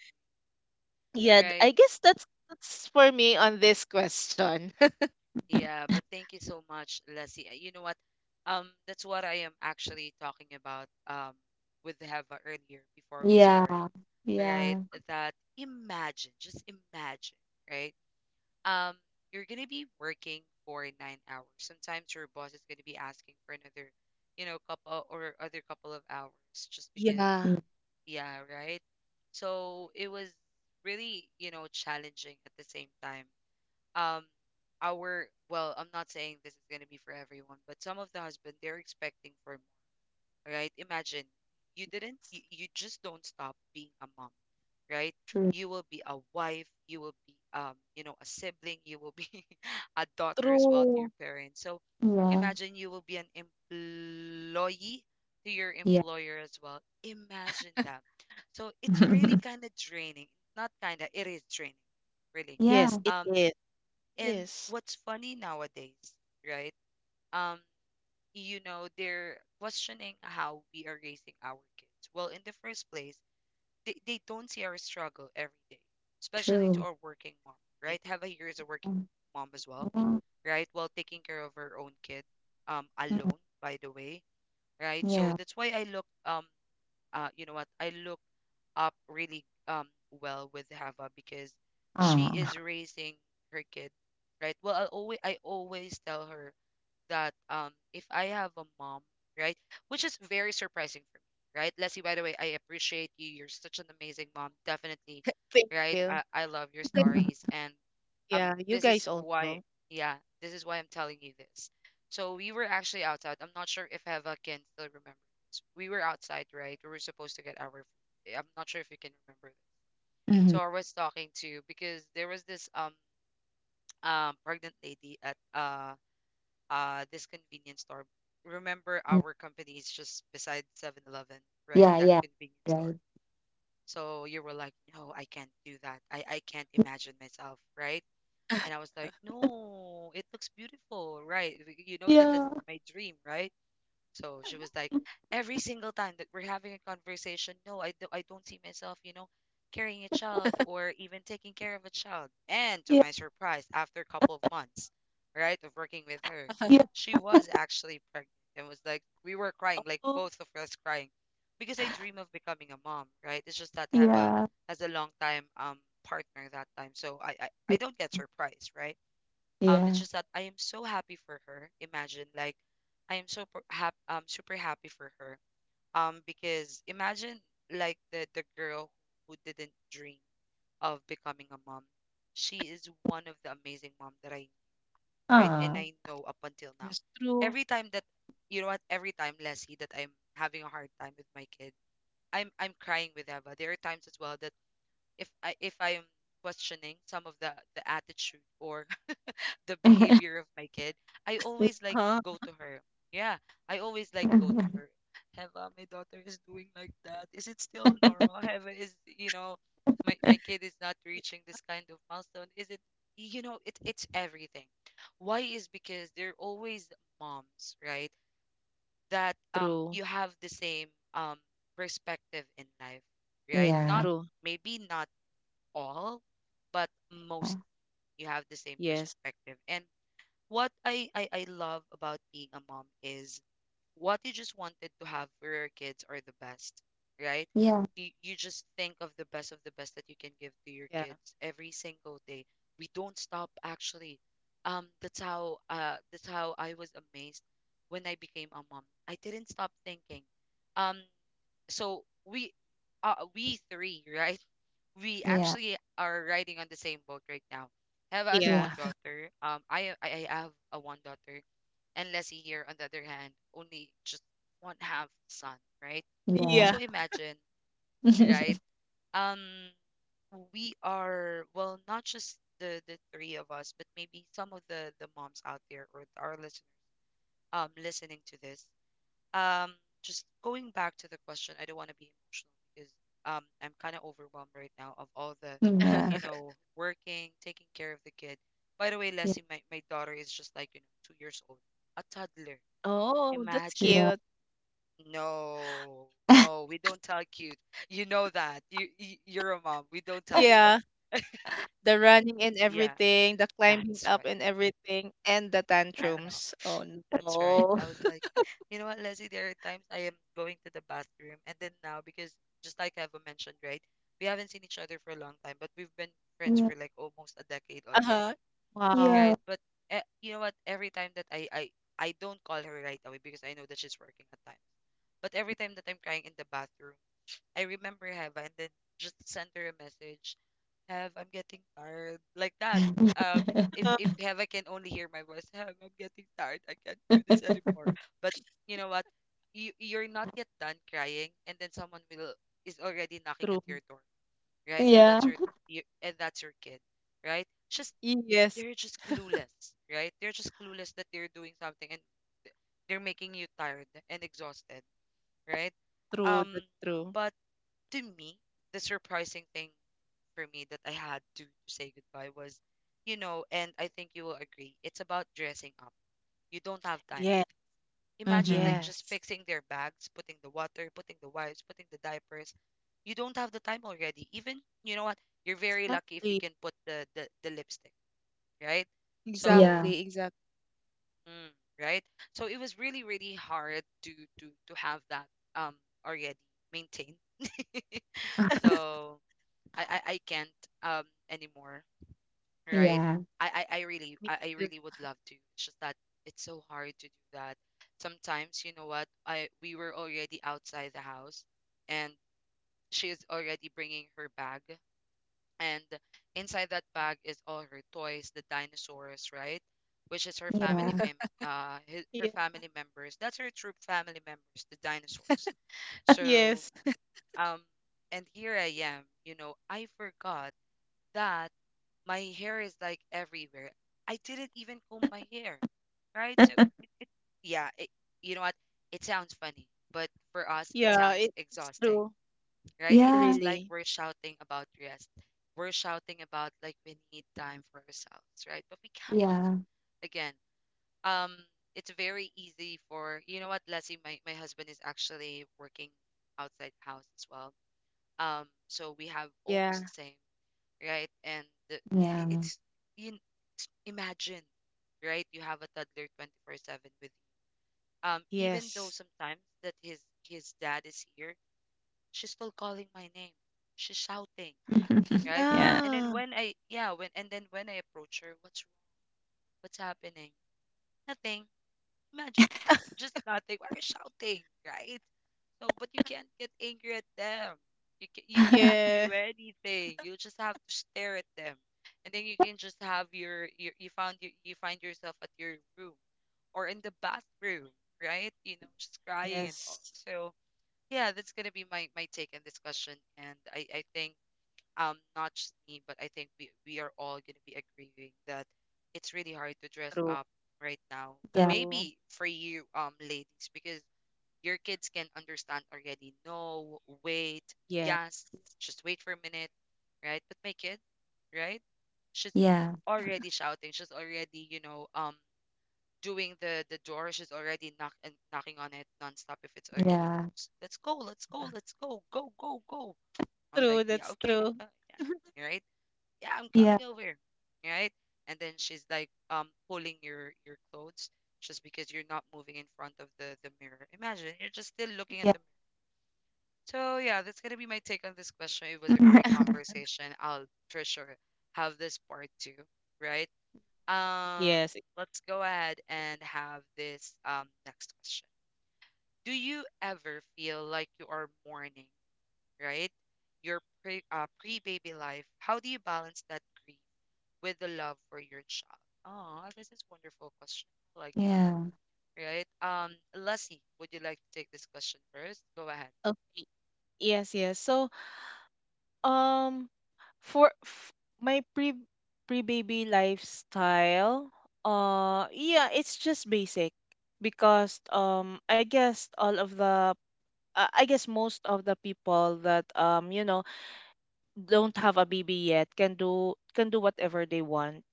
Yeah,
Right.
I guess that's for me on this question.
Yeah, but thank you so much, Leslie. You know what? That's what I am actually talking about with Heva earlier before we started,
yeah,
right?
yeah,
That, imagine, just imagine, right? um you're gonna be working for 9 hours. Sometimes your boss is gonna be asking for another, couple or other couple of hours, just because.
Yeah,
yeah,
Yeah, right. So it was really, challenging at the same time. Um our Well, I'm not saying this is going to be for everyone, but some of the husband, they're expecting for more, right? Imagine, you didn't, you just don't stop being a mom, right?
true.
You will be a wife, you will be, you know, a sibling, you will be a daughter as well. To
true.
your friend. So
Yeah,
imagine, you will be an employee to your
yeah,
employer as well. Imagine that. So it's really kind of draining. Not kind of, it is draining, really.
Yes,
yeah,
it
Um,
is.
and
Yes.
what's funny nowadays, right? Um, you know, they're questioning how we are raising our kids. Well, in the first place, they don't see our struggle every day, especially to
true.
our working mom, right? Have here is a working
Um,
mom as well,
Yeah,
right? While taking care of her own kid,
mm,
alone, by the way, right? So
yeah,
that's why you know what? I look up really, well with Hava because she is
ah,
raising her kid, right? Well, I always tell her that, if I have a mom, right, which is very surprising for me, right? Leslie, by the way, I appreciate you. You're such an amazing mom, definitely,
Thank
right?
you.
I love your
Okay.
stories, and, um,
Yeah, you
this is
guys
why.
also.
Yeah, this is why I'm telling you this. So we were actually outside. I'm not sure if Heva can still remember this. We were outside, right? We were supposed to get our food. I'm not sure if you can remember this.
mhm,
So I was talking to, because there was this pregnant lady at this convenience store. Remember
mm,
our company is just beside 7-Eleven, right?
yeah,
That
yeah,
convenience store.
right.
So you were like, "No, I can't do that. I can't imagine myself, right?" And I was like, "No, it looks beautiful, right? You know that that's
Yeah,
my dream, right?" So she was like, every single time that we're having a conversation, no, I don't see myself, carrying a child or even taking care of a child. And to
yeah,
my surprise, after a couple of months, right, of working with her,
yeah,
she was actually pregnant and was like, we were crying, like
Oh,
both of us crying, because I dream of becoming a mom, right? It's just that I have a,
yeah,
as a long time partner that time, so I, I
yeah,
I don't get surprised, right? It's
yeah,
just that I am so happy for her. Imagine, like, I am so happy, super happy for her. Because imagine, like, the girl who didn't dream of becoming a mom. She is one of the amazing mom that I, right, and
ah,
I know up until now.
yes,
Every
true.
time that, you know what, every time, Leslie, that I'm having a hard time with my kid, I'm crying with Eva. There are times as well that, if I am questioning some of the attitude or the
yeah,
behavior of my kid, I always like
Huh?
go to her. Yeah, I always like go to her. Heva, my daughter is doing like that. Is it still normal? Heva is, you know, my kid is not reaching this kind of milestone. Is it, it's everything. Why is because they're always moms, right? That, you
True.
have the same um perspective in life, right?
yeah,
Not
True.
maybe not all, but most, you have the same
Yes.
perspective. And what I love about being a mom is what you just wanted to have for your kids are the best, right?
yeah.
You just think of the best that you can give to your
Yeah.
kids every single day. We don't stop actually. That's how, that's how I was amazed when I became a mom. I didn't stop thinking. Um, so we, we three, right, we
Yeah,
actually are riding on the same boat right now. Have has a
yeah,
one
Yeah.
daughter, I have a one daughter, and Leslie here on the other hand only just one half son, right?
yeah.
So
Yeah.
imagine, right, um we are well, not just the three of us, but maybe some of the moms out there or our listeners, listening to this, um just going back to the question, I don't want to be emotional because, I'm kind of overwhelmed right now of all the,
Yeah,
working, taking care of the kid. By the way,
yeah,
Leslie, my daughter is just like, you know, 2 years old, a toddler.
Oh, that's
Imagine.
yeah,
cute.
No, no, we don't tell cute. You know that you're a mom. We don't tell cute.
Yeah. The running and everything, the climbing
That's
up
right.
and everything, and the
I don't know.
tantrums. Oh
That's right.
no.
I was. You know what, Leslie? There are times I am going to the bathroom, and then now, because just like Eva mentioned, right, we haven't seen each other for a long time, but we've been friends for like almost a decade
Uh-huh.
already,
yeah,
Wow.
yeah.
right? Eh, you know what? Every time that I don't call her right away because I know that she's working at time. But every time that I'm crying in the bathroom, I remember Hava, and then just send her a message. Have, I'm getting tired like that. Um, if if
Uh-huh.
Hava can only hear my voice, Have, I'm getting tired. I can't do this anymore. But you know what? You're not yet done crying, and then someone will is already knocking at your
True.
door, right? And
Yeah.
that's your, you, and that's your kid, right? Just
Yes,
They're just clueless, right? They're just clueless that they're doing something, and they're making you tired and exhausted, right?
true.
Um,
That's true.
but to me, the surprising thing for me that I had to say goodbye was, and I think you will agree, it's about dressing up. You don't have time.
Yes,
Imagine, like,
Mm-hmm.
just
yes.
fitting their bags, putting the water, putting the wipes, putting the diapers. You don't have the time already. Even you know what? You're very lucky if you
Exactly.
can put the lipstick, right? So,
Yeah,
Exactly, exactly.
mm, right? So it was really really hard to have that um already maintained. So I can't anymore, right?
yeah,
I, I I really
Me
I, I
too.
really would love to. It's just that it's so hard to do that. Sometimes, you know what? I We were already outside the house, and she is already bringing her bag, and inside that bag is all her toys, the dinosaurs, right? Which is
yeah.
her
Yeah.
family members. That's her true family members, the dinosaurs. So
Yes.
um and here I am, I forgot that my hair is like everywhere. I didn't even comb my hair, right? So yeah, it, you know what? It sounds funny, but for us, it
Yeah,
sounds
it, it's
exciting,
true.
right. It,
Yeah,
it's like
Really.
we're shouting about rest. We're shouting about like we need time for ourselves, right? But we can't.
yeah,
Again, um, it's very easy for Leslie. My husband is actually working outside house as well. So we have almost
Yeah.
the same. Right? And the- I-
yeah.
it's you kn- s- Imagine, right? You have a toddler 24/7 with you. Even though
Yes.
sometimes that his dad is here, she's still calling my name. She's shouting, right?
Yeah.
And then
Yeah.
when I yeah, when and then when I approach her, what's wrong? What's happening? Nothing. Imagine just they were shouting, right? So, but you can't get angry at them. You can't do
Yeah.
anything. You just have to stare at them, and then you can just have you find yourself at your room or in the bathroom, right? You know, just crying and all.
Yes.
So yeah, that's gonna be my take on this question, and I think not just me, but I think we are all gonna be agreeing that it's really hard to dress
True.
up right now.
Yeah,
True.
Maybe for you, ladies, because your kids can understand already. No, wait,
Yeah.
yes, just wait for a minute, right? But my kid, right, she's already shouting, she's already, doing the door, she's already knocking on it nonstop if it's
yeah,
already
yeah,
closed. Let's go, let's go, let's go, go, go, go. I was like,
True.
yeah,
That's
okay,
true.
right, yeah, I'm
yeah,
coming over, right? And then she's like, pulling your clothes just because you're not moving in front of the mirror. Imagine you're just still looking at
yeah.
the mirror. So yeah, that's gonna be my take on this question. It was a great conversation. I'll for sure have this part two, right? Um,
Yes.
let's go ahead and have this next question. Do you ever feel like you are mourning, right? Your pre-baby life. How do you balance that grief with the love for your child? Oh, this is wonderful question. I like it,
Yeah.
right? Leslie, would you like to take this question first? Go ahead.
Oh, yes, yes. So, um, for my pre baby lifestyle, yeah, it's just basic because I guess all of the, I guess most of the people that you know, don't have a baby yet, can do whatever they want.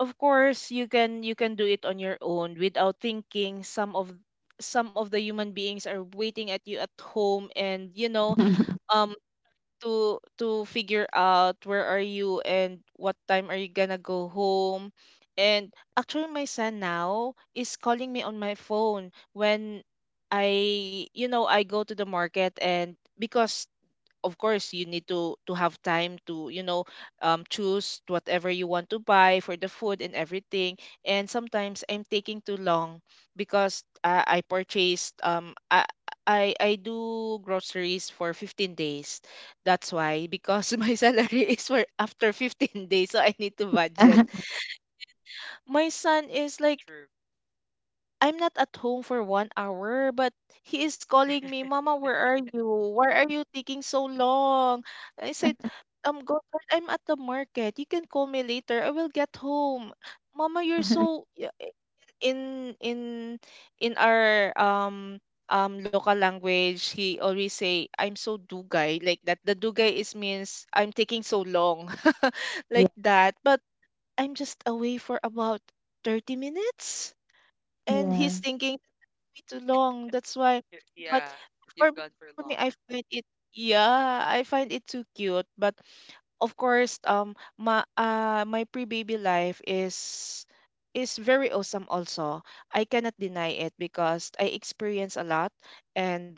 Of course, you can, you can do it on your own without thinking some of, some of the human beings are waiting at you at home, and you know um to figure out where are you and what time are you gonna go home. And actually my son now is calling me on my phone when i, you know, I go to the market. And because of course you need to have time to you know um choose whatever you want to buy for the food and everything. And sometimes I'm taking too long because I purchased I do groceries for 15 days, that's why, because my salary is for after 15 days, so I need to budget. My son is like,
True.
I'm not at home for 1 hour, but he is calling me, Mama, where are you? Why are you taking so long? I said, God, I'm at the market. You can call me later. I will get home. Mama, you're so in in in our local language, he always say, I'm so dugay like that. The dugay is means I'm taking so long, like that. But I'm just away for about 30 minutes, and he's
Yeah,
thinking me too long, that's why. But
Yeah,
for
you've
me,
gone for
for me,
long.
I find it. Yeah, I find it too cute. But of course, my my pre-baby life is very awesome also. I cannot deny it because I experience a lot. and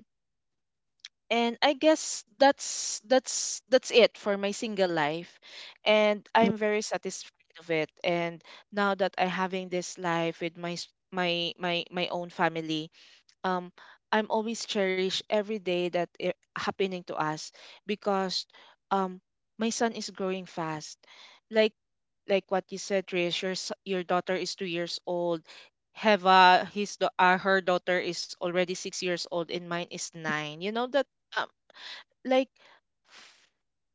and I guess that's it for my single life, and
yeah.
I'm very satisfied of it. And now that I having this life with my my my my own family, um I'm always cherish every day that it happening to us because um my son is growing fast. Like like what you said, Trish, your your daughter is 2 years old.
Mm.
Heva, his her daughter is already 6 years old, and mine is nine. You know that um, like f-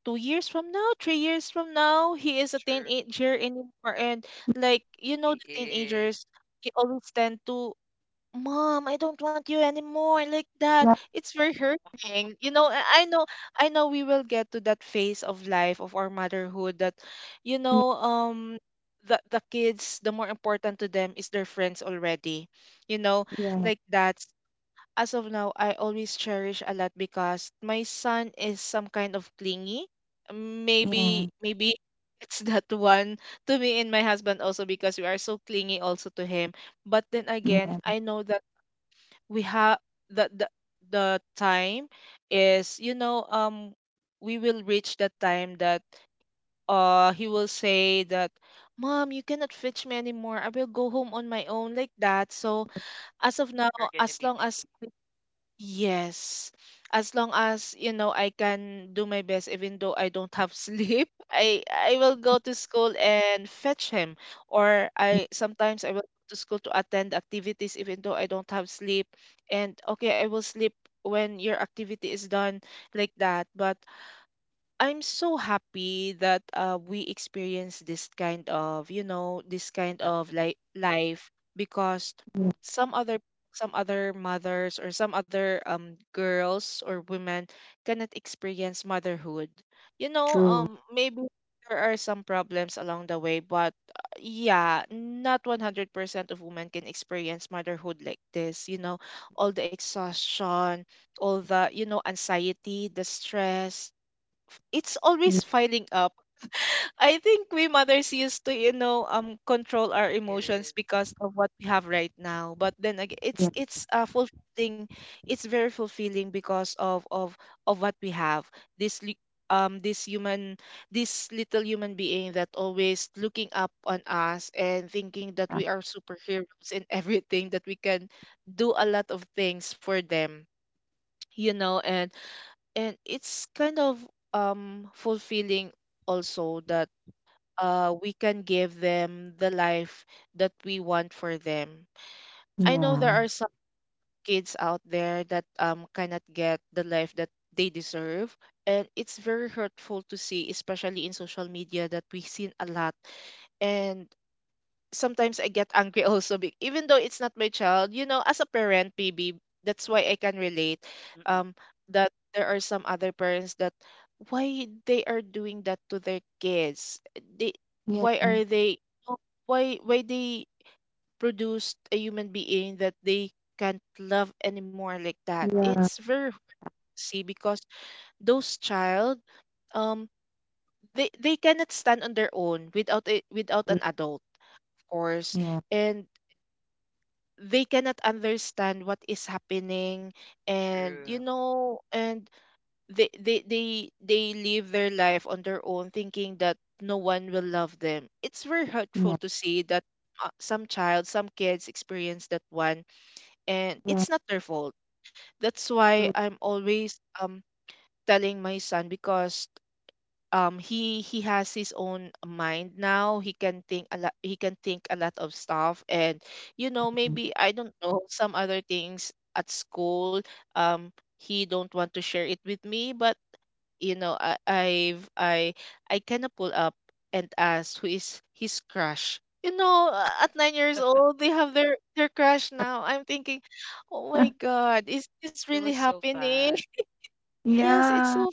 2 years from now, 3 years from now, he is a
True.
teenager anymore, and like you know
He
the
is.
teenagers, they always tend to, Mom, I don't want you anymore, like that. It's very
Oh,
hurting. You know, I know, I know we will get to that phase of life of our motherhood that you know, the kids, the more important to them is their friends already. You know,
Yeah, yeah,
like that. As of now, I always cherish a lot because my son is some kind of clingy.
yeah, yeah,
Maybe it's that one, to me and my husband also, because we are so clingy also to him. But then again,
yeah,
I know that we have the, the the time is, you know, we will reach the time that he will say that, mom, you cannot fetch me anymore, I will go home on my own, like that. So as of now,
you're gonna
as
be
long
missing
as,
it.
Yes. As long as, you know, I can do my best even though I don't have sleep, I will go to school and fetch him. Or I sometimes I will go to school to attend activities even though I don't have sleep. And okay, I will sleep when your activity is done, like that. But I'm so happy that we experience this kind of, you know, this kind of
Definitely.
like life, because
yeah,
some other, some other mothers or some other girls or women cannot experience motherhood. You know,
true.
maybe there are some problems along the way, but yeah, not 100% of women can experience motherhood like this, you know, all the exhaustion, all the, you know, anxiety, the stress, it's
Yeah,
always filing up. I think we mothers used to, you know, um control our
It
emotions
is.
because of what we have right now. But then again, it's
yeah,
fulfilling. It's very fulfilling because of, of what we have. This li- this human, this little human being that always looking up on us and thinking that we are superheroes in everything that we can do a lot of things for them you know and and it's kind of fulfilling also that we can give them the life that we want for them. I know there
yeah,
are some kids out there that cannot get the life that they deserve, and it's very hurtful to see, especially in social media that we seen a lot. And sometimes I get angry also even though it's not my child, you know, as a parent, maybe that's why I can relate
Mm, mm-mm.
um that there are some other parents that why they are doing that to their kids they
yeah,
why are they oh, why they produced a human being that they can't love anymore like that,
yeah.
it's very see, because those child um they cannot stand on their own without a, without an adult of course.
Yeah.
And they cannot understand what is happening. And you
True.
know, and they live their life on their own thinking that no one will love them. It's very hurtful
Yeah.
to see that some child, some kids experience that one, and
Yeah.
it's not their fault. That's why
True.
I'm always telling my son, because he has his own mind now, he can think a lot, he can think a lot of stuff. And you know, maybe I don't know some other things at school, um he don't want to share it with me. But you know, I I've I kind of pull up and ask who is his crush, you know, at 9 years old they have their crush now. I'm thinking, "Oh my god, is this
It
really
was so
happening?"
fun.
Yes, it's
Yeah.
so.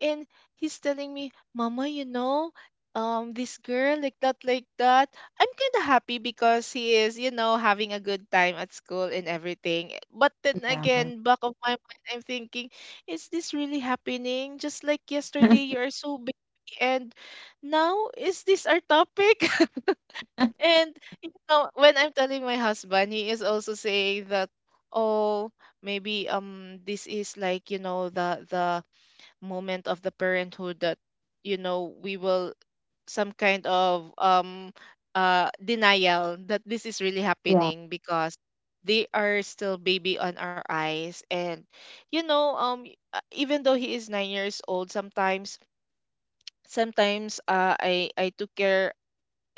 And he's telling me, "Mama, you know, this girl like that, like that." I'm kind of happy because he is, you know, having a good time at school and everything. But then
Yeah.
again, back of my mind, I'm thinking, "Is this really happening? Just like yesterday, you are so busy, and now is this our topic?" And you know, when I'm telling my husband, he is also saying that, oh, maybe this is like, you know, the moment of the parenthood that you know we will some kind of denial that this is really
Yeah.
happening, because they are still baby on our eyes. And you know, even though he is 9 years old, sometimes I took care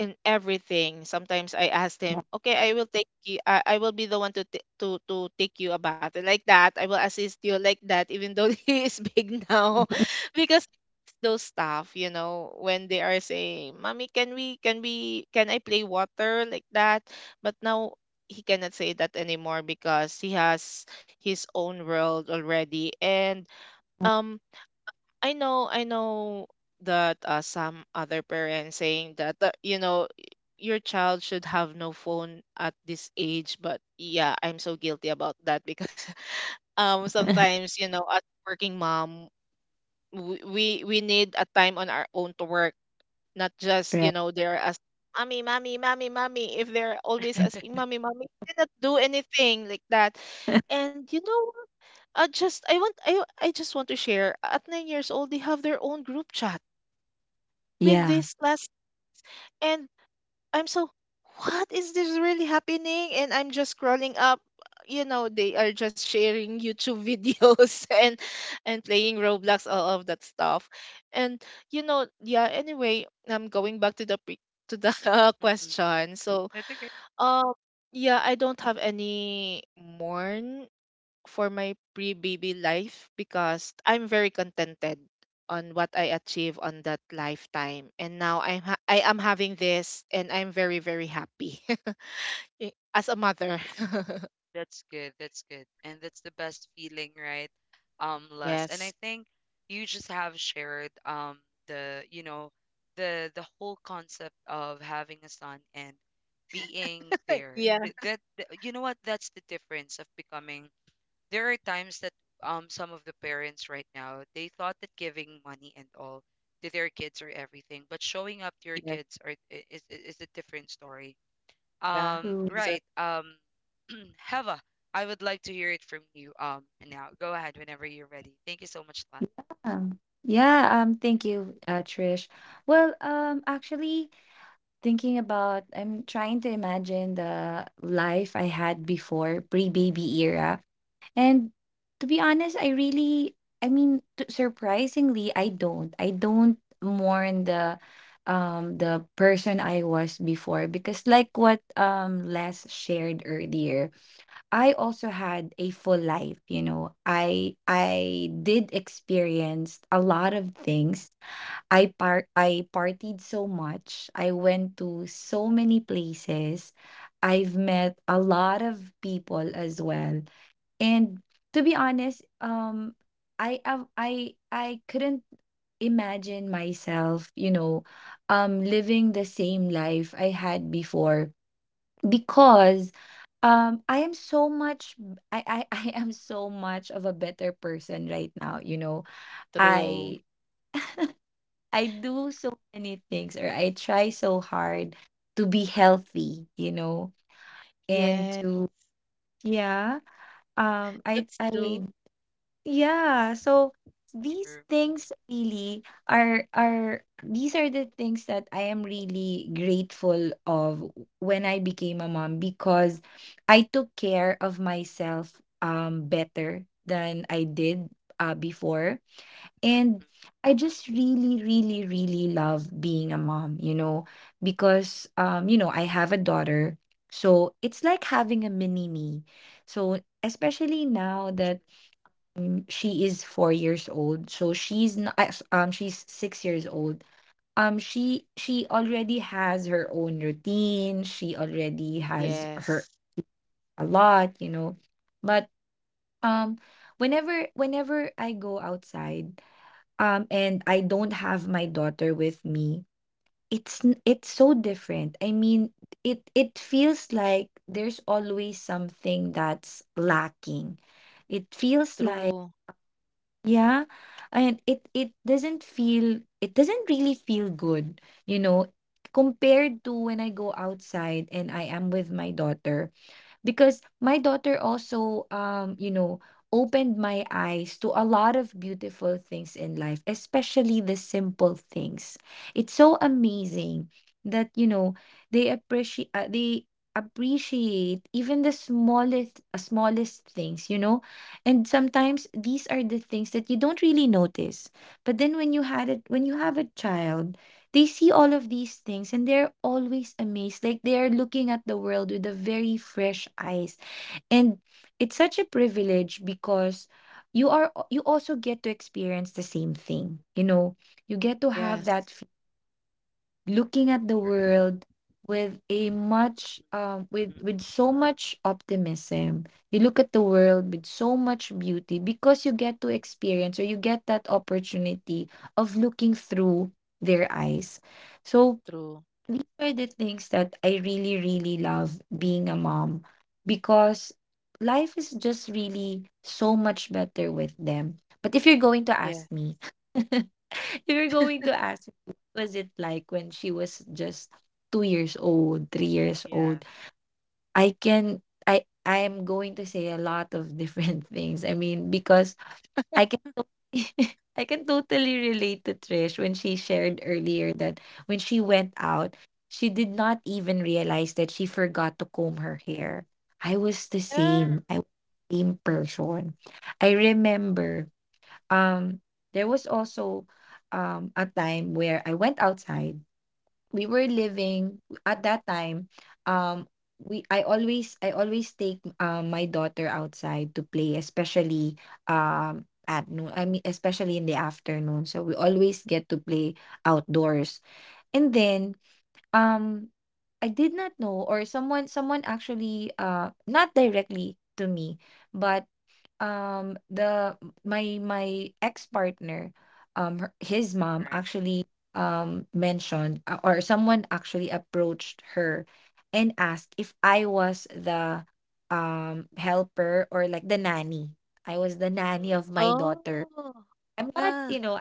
in everything. Sometimes I asked
Yeah.
him, okay, I will take you, I will be the one to to take you a bath like that, I will assist you like that, even though he is big now. Those staff, you know, when they are saying, "Mommy, can I play water like that?" But now he cannot say that anymore because he has his own world already. And um I know that some other parents saying that you know, your child should have no phone at this age. But yeah, I'm so guilty about that, because sometimes, you know, as working mom, we need a time on our own to work, not just, you
Yeah.
know, they're as mommy, mommy, mommy, mommy. If they're always asking mommy, mommy, you cannot do anything like that. And you know what? I just want to share, at 9 years old they have their own group chat with
Yeah.
this class. And I'm so, what is this really happening? And I'm just scrolling up. You know, they are just sharing YouTube videos and playing Roblox,
Mm,
all of that stuff. And you know, yeah. Anyway, I'm going back to the to the
mm-mm.
question. So
That's okay.
um, yeah, I don't have any mourn for my pre-baby life, because I'm very contented on what I achieve on that lifetime. And now I'm I am having this, and I'm very happy as a mother.
That's good. That's good. And that's the best feeling, right? Les. And
Yes.
I think you just have shared the, you know, the whole concept of having a son and being there.
Yeah.
That, that, you know what? That's the difference of becoming. There are times that some of the parents right now they thought that giving money and all to their kids are everything, but showing up to your
Yeah.
kids are I- is a different story,
Yeah.
True.
Exactly.
right. Heva, I would like to hear it from you, now. Go ahead whenever you're ready. Thank you so much, Lan.
Yeah. Thank you, Trish. Well, actually, I'm trying to imagine the life I had before pre-baby era. And to be honest, I really, I mean, surprisingly, I don't. I don't mourn the the person I was before, because like what Les shared earlier, I also had a full life, you know. I did experience a lot of things. I partied so much. I went to so many places. I've met a lot of people as well. And to be honest, I couldn't imagine myself, you know, living the same life I had before, because I am so much I I am so much of a better person right now, you know.
True.
I I do so many things, or I try so hard to be healthy, you know, and
Yeah.
to yeah,
That's
I
true.
yeah, so these
True.
things really are these are the things that I am really grateful of when I became a mom, because I took care of myself better than I did before.
Mm,
And
mm,
I just really, really, really love being a mom, you know, because you know, I have a daughter. So it's like having a mini me. So especially now
mm. True.
that, mm, she is 4 years old, so she's not, she's 6 years old. She already has her own routine. She already has her
Yes.
a lot, you know. But um, whenever I go outside, and I don't have my daughter with me, it's so different. I mean, it feels like there's always something that's lacking. It feels like,
True.
yeah, and it doesn't feel, it doesn't really feel good, you know, compared to when I go outside and I am with my daughter, because my daughter also you know opened my eyes to a lot of beautiful things in life, especially the simple things. It's so amazing that you know they appreciate, they appreciate even the smallest, smallest things, you know. And sometimes these are the things that you don't really notice, but then when you had it, when you have a child, they see all of these things and they're always amazed, like they are looking at the world with a very fresh eyes. And it's such a privilege, because you are you also get to experience the same thing, you know, you get to have
Yes.
looking at the
True enough.
world with a much
Mm,
with
mm.
so much optimism. You look at the world with so much beauty, because you get to experience, or you get that opportunity of looking through their eyes. So
True.
these are the things that I really, really love being a mom, because life is just really so much better with them. But if you're going to
Yeah.
ask me, if you're going to ask me, what was it like when she was just 2 years old, 3 years
Yeah.
old? I can, I am going to say a lot of different things. I mean, because I I can totally relate to Trish when she
Mm.
shared earlier that when she went out, she did not even realize that she forgot to comb her hair. I was the
Yeah.
True.
same. I was the same person. I remember um there was also a time where I went outside. We were living at that time, um we I always take my daughter outside to play, especially at noon I mean especially in the afternoon, so we always get to play outdoors. And then um I did not know, or someone, someone actually, not directly to me, but the my ex-partner, his mom
Right.
actually mentioned, or someone actually approached her, and asked if I was the helper, or like the nanny. I was the nanny
Mm.
of my daughter.
Oh.
I'm not,
Yeah.
you know,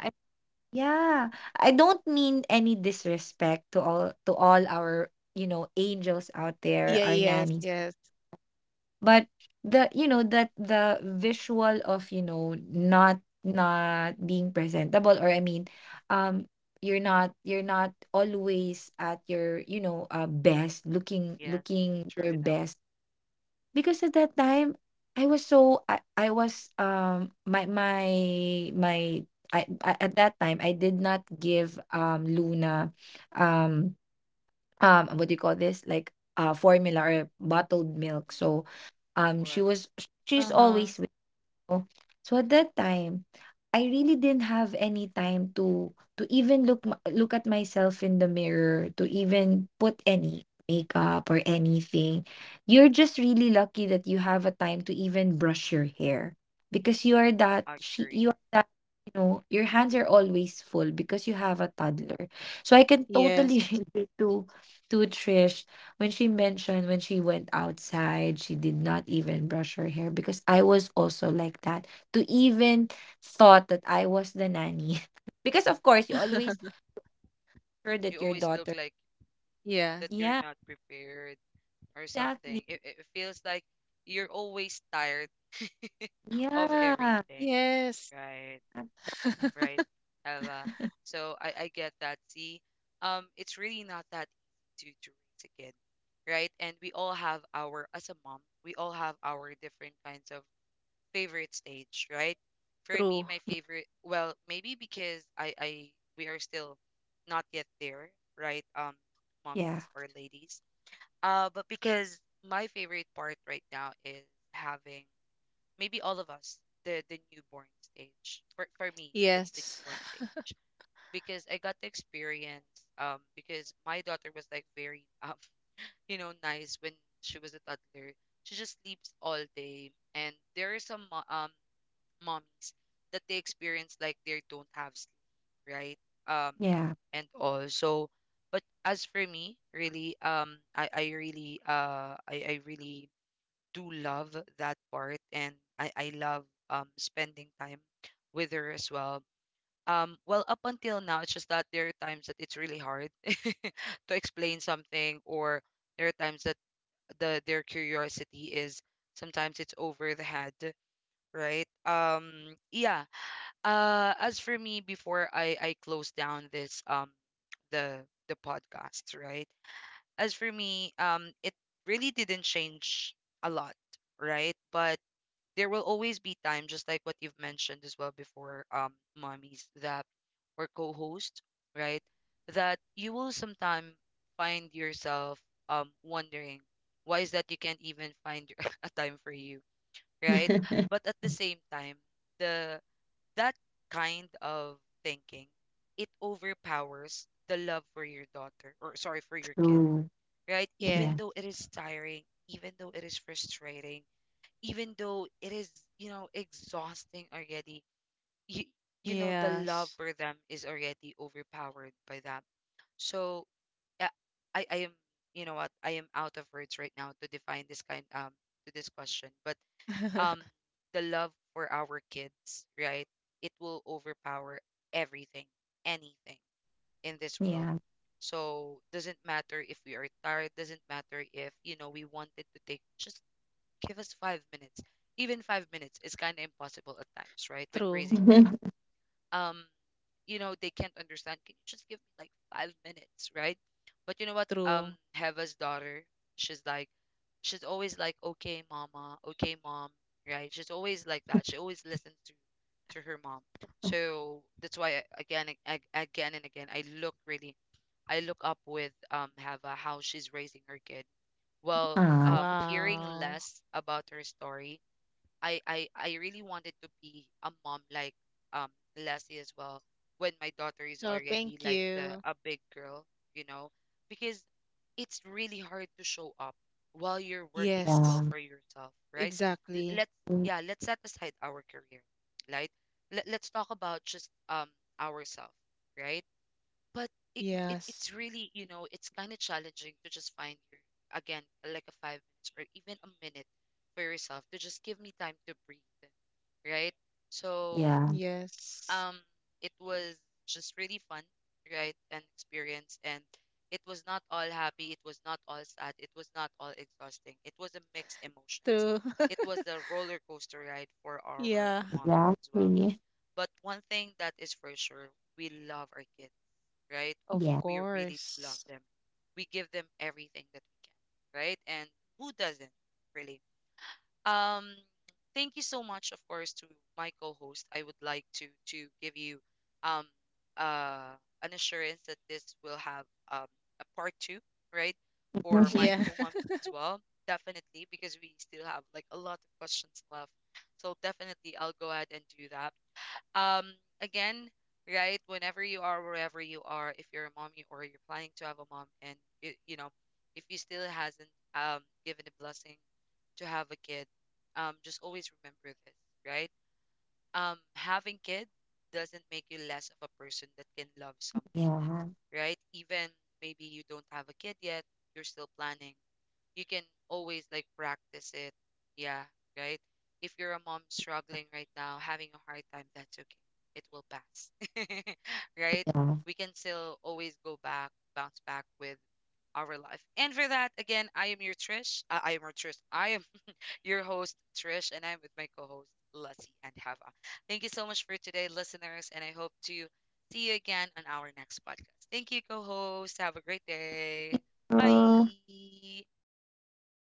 yeah, I don't mean any disrespect to all, to all our, you know, angels out
Yeah,
there, our
yes,
nannies.
yes,
But the, you know, that the visual of, you know, not not being presentable, or I mean, um you're not, you're not always at your, you know, best,
Yes.
looking
True
your
enough.
best. Because at that time, I was my I at that time I did not give Luna um what do you call this, like formula or bottled milk. So
Of
she
course.
was, she's
Uh-huh.
always. Oh, so at that time, I really didn't have any time to even look at myself in the mirror, to even put any makeup or anything. You're just really lucky that you have a time to even brush your hair, because you are that she
Agree.
you are that know, your hands are always full because you have a toddler. So I can
yes.
totally relate to Trish when she mentioned when she went outside, she did not even brush her hair, because I was also like that. To even thought that I was the nanny. Because of course you
Mm-mm.
always sure that
You
your
always look
daughter.
like
Yeah.
that you're
Yeah,
not prepared or something.
exactly.
It feels like you're always tired of
Yeah.
everything,
Yes.
right? Right, Ella. So I get that. See, it's really not that easy to raise a kid, right? And we all have our, as a mom, we all have our different kinds of favorite stage, right? For
True.
me, my favorite, well, maybe because we are still not yet there, right?
Yeah.
Mommies or ladies. But because my favorite part right now is having maybe all of us the newborn stage. For me, that's the
Yes.
newborn stage because I got the experience. Because my daughter was like very you know, nice when she was a toddler. She just sleeps all day, and there are some mommies that they experience like they don't have, right? Um,
Yeah.
and all. So, but as for me, really, I really do love that part, and I love spending time with her as well. Well, up until now, it's just that there are times that it's really hard to explain something, or there are times that the their curiosity is sometimes it's over the head, right? Yeah, as for me, before I close down this the the podcast, right? As for me, it really didn't change a lot, right? But there will always be time, just like what you've mentioned as well before, mommies that or co-host, right? That you will sometime find yourself wondering why is that you can't even find a time for you, right? But at the same time, the that kind of thinking, it overpowers the love for your daughter, or sorry, for your kid,
True.
right?
Yeah.
Even
Yeah.
though it is tiring, even though it is frustrating, even though it is, you know, exhausting already, you you know the
Yes.
love for them is already overpowered by that. So yeah, I am, you know what, I am out of words right now to define this kind to this question, but um the love for our kids, right? It will overpower everything, anything in this world.
Yeah.
So doesn't matter if we are tired, doesn't matter if, you know, we wanted to take just give us 5 minutes. Even 5 minutes is kinda impossible at times, right? When
True.
raising a kid, um you know, they can't understand. Can you just give me like 5 minutes, right? But you know what,
True.
heva's daughter, she's like, she's always like, okay, mama, okay, mom, right? She's always like that. She always listens to her mom. So that's why again and again I look really, I look up with heva, how she's raising her kid well.
Ah,
Hearing
Wow.
less about her story, I really wanted to be a mom like um Lassie as well when my daughter is
So thank
already like
you.
the a big girl, you know, because it's really hard to show up while you're working as
Yes.
well
mom.
for yourself, right? L-
Exactly.
Let's, yeah, let's set aside our career, right? Let's talk about just ourselves, right? But it, it it
Yes.
it's really, you know, it's kind of challenging to just find your, again, like a 5 minutes or even a minute for yourself to just give me time to breathe, right? So,
Yeah.
Yes.
um, it was just really fun, right? An experience. And it was not all happy. It was not all sad. It was not all exhausting. It was a mixed emotions,
True.
a roller coaster ride for
Yeah.
our as well.
Exactly.
But one thing that is for sure, we love our kids, right?
Of
Yeah.
We really
course.
around them. We give them everything that we can, right? And who doesn't, really? Um, thank you so much, of course, to my co-host. I would like to give you um uh an assurance that this will have um a part two, right? For my
Yeah.
co as well, definitely, because we still have like a lot of questions left. So definitely, I'll go ahead and do that. Um, again, right? Whenever you are, wherever you are, if you're a mommy or you're planning to have a mom, and you know, if you still hasn't um given the blessing to have a kid, just always remember this, right? Having kid doesn't make you less of a person that can love someone,
Yeah.
right? Even maybe you don't have a kid yet, you're still planning, you can always like practice it. Yeah, right? If you're a mom struggling right now, having a hard time, that's okay. It will pass. Right? We can still always go back, bounce back with our life. And for that, again, I am your Trish. I am your Trish. I am your host, Trish, and I'm with my co-host, Lassie and Hava. Thank you so much for today, listeners, and I hope to see you again on our next podcast. Thank you, co-host. Have a great day.
Yeah.
Bye.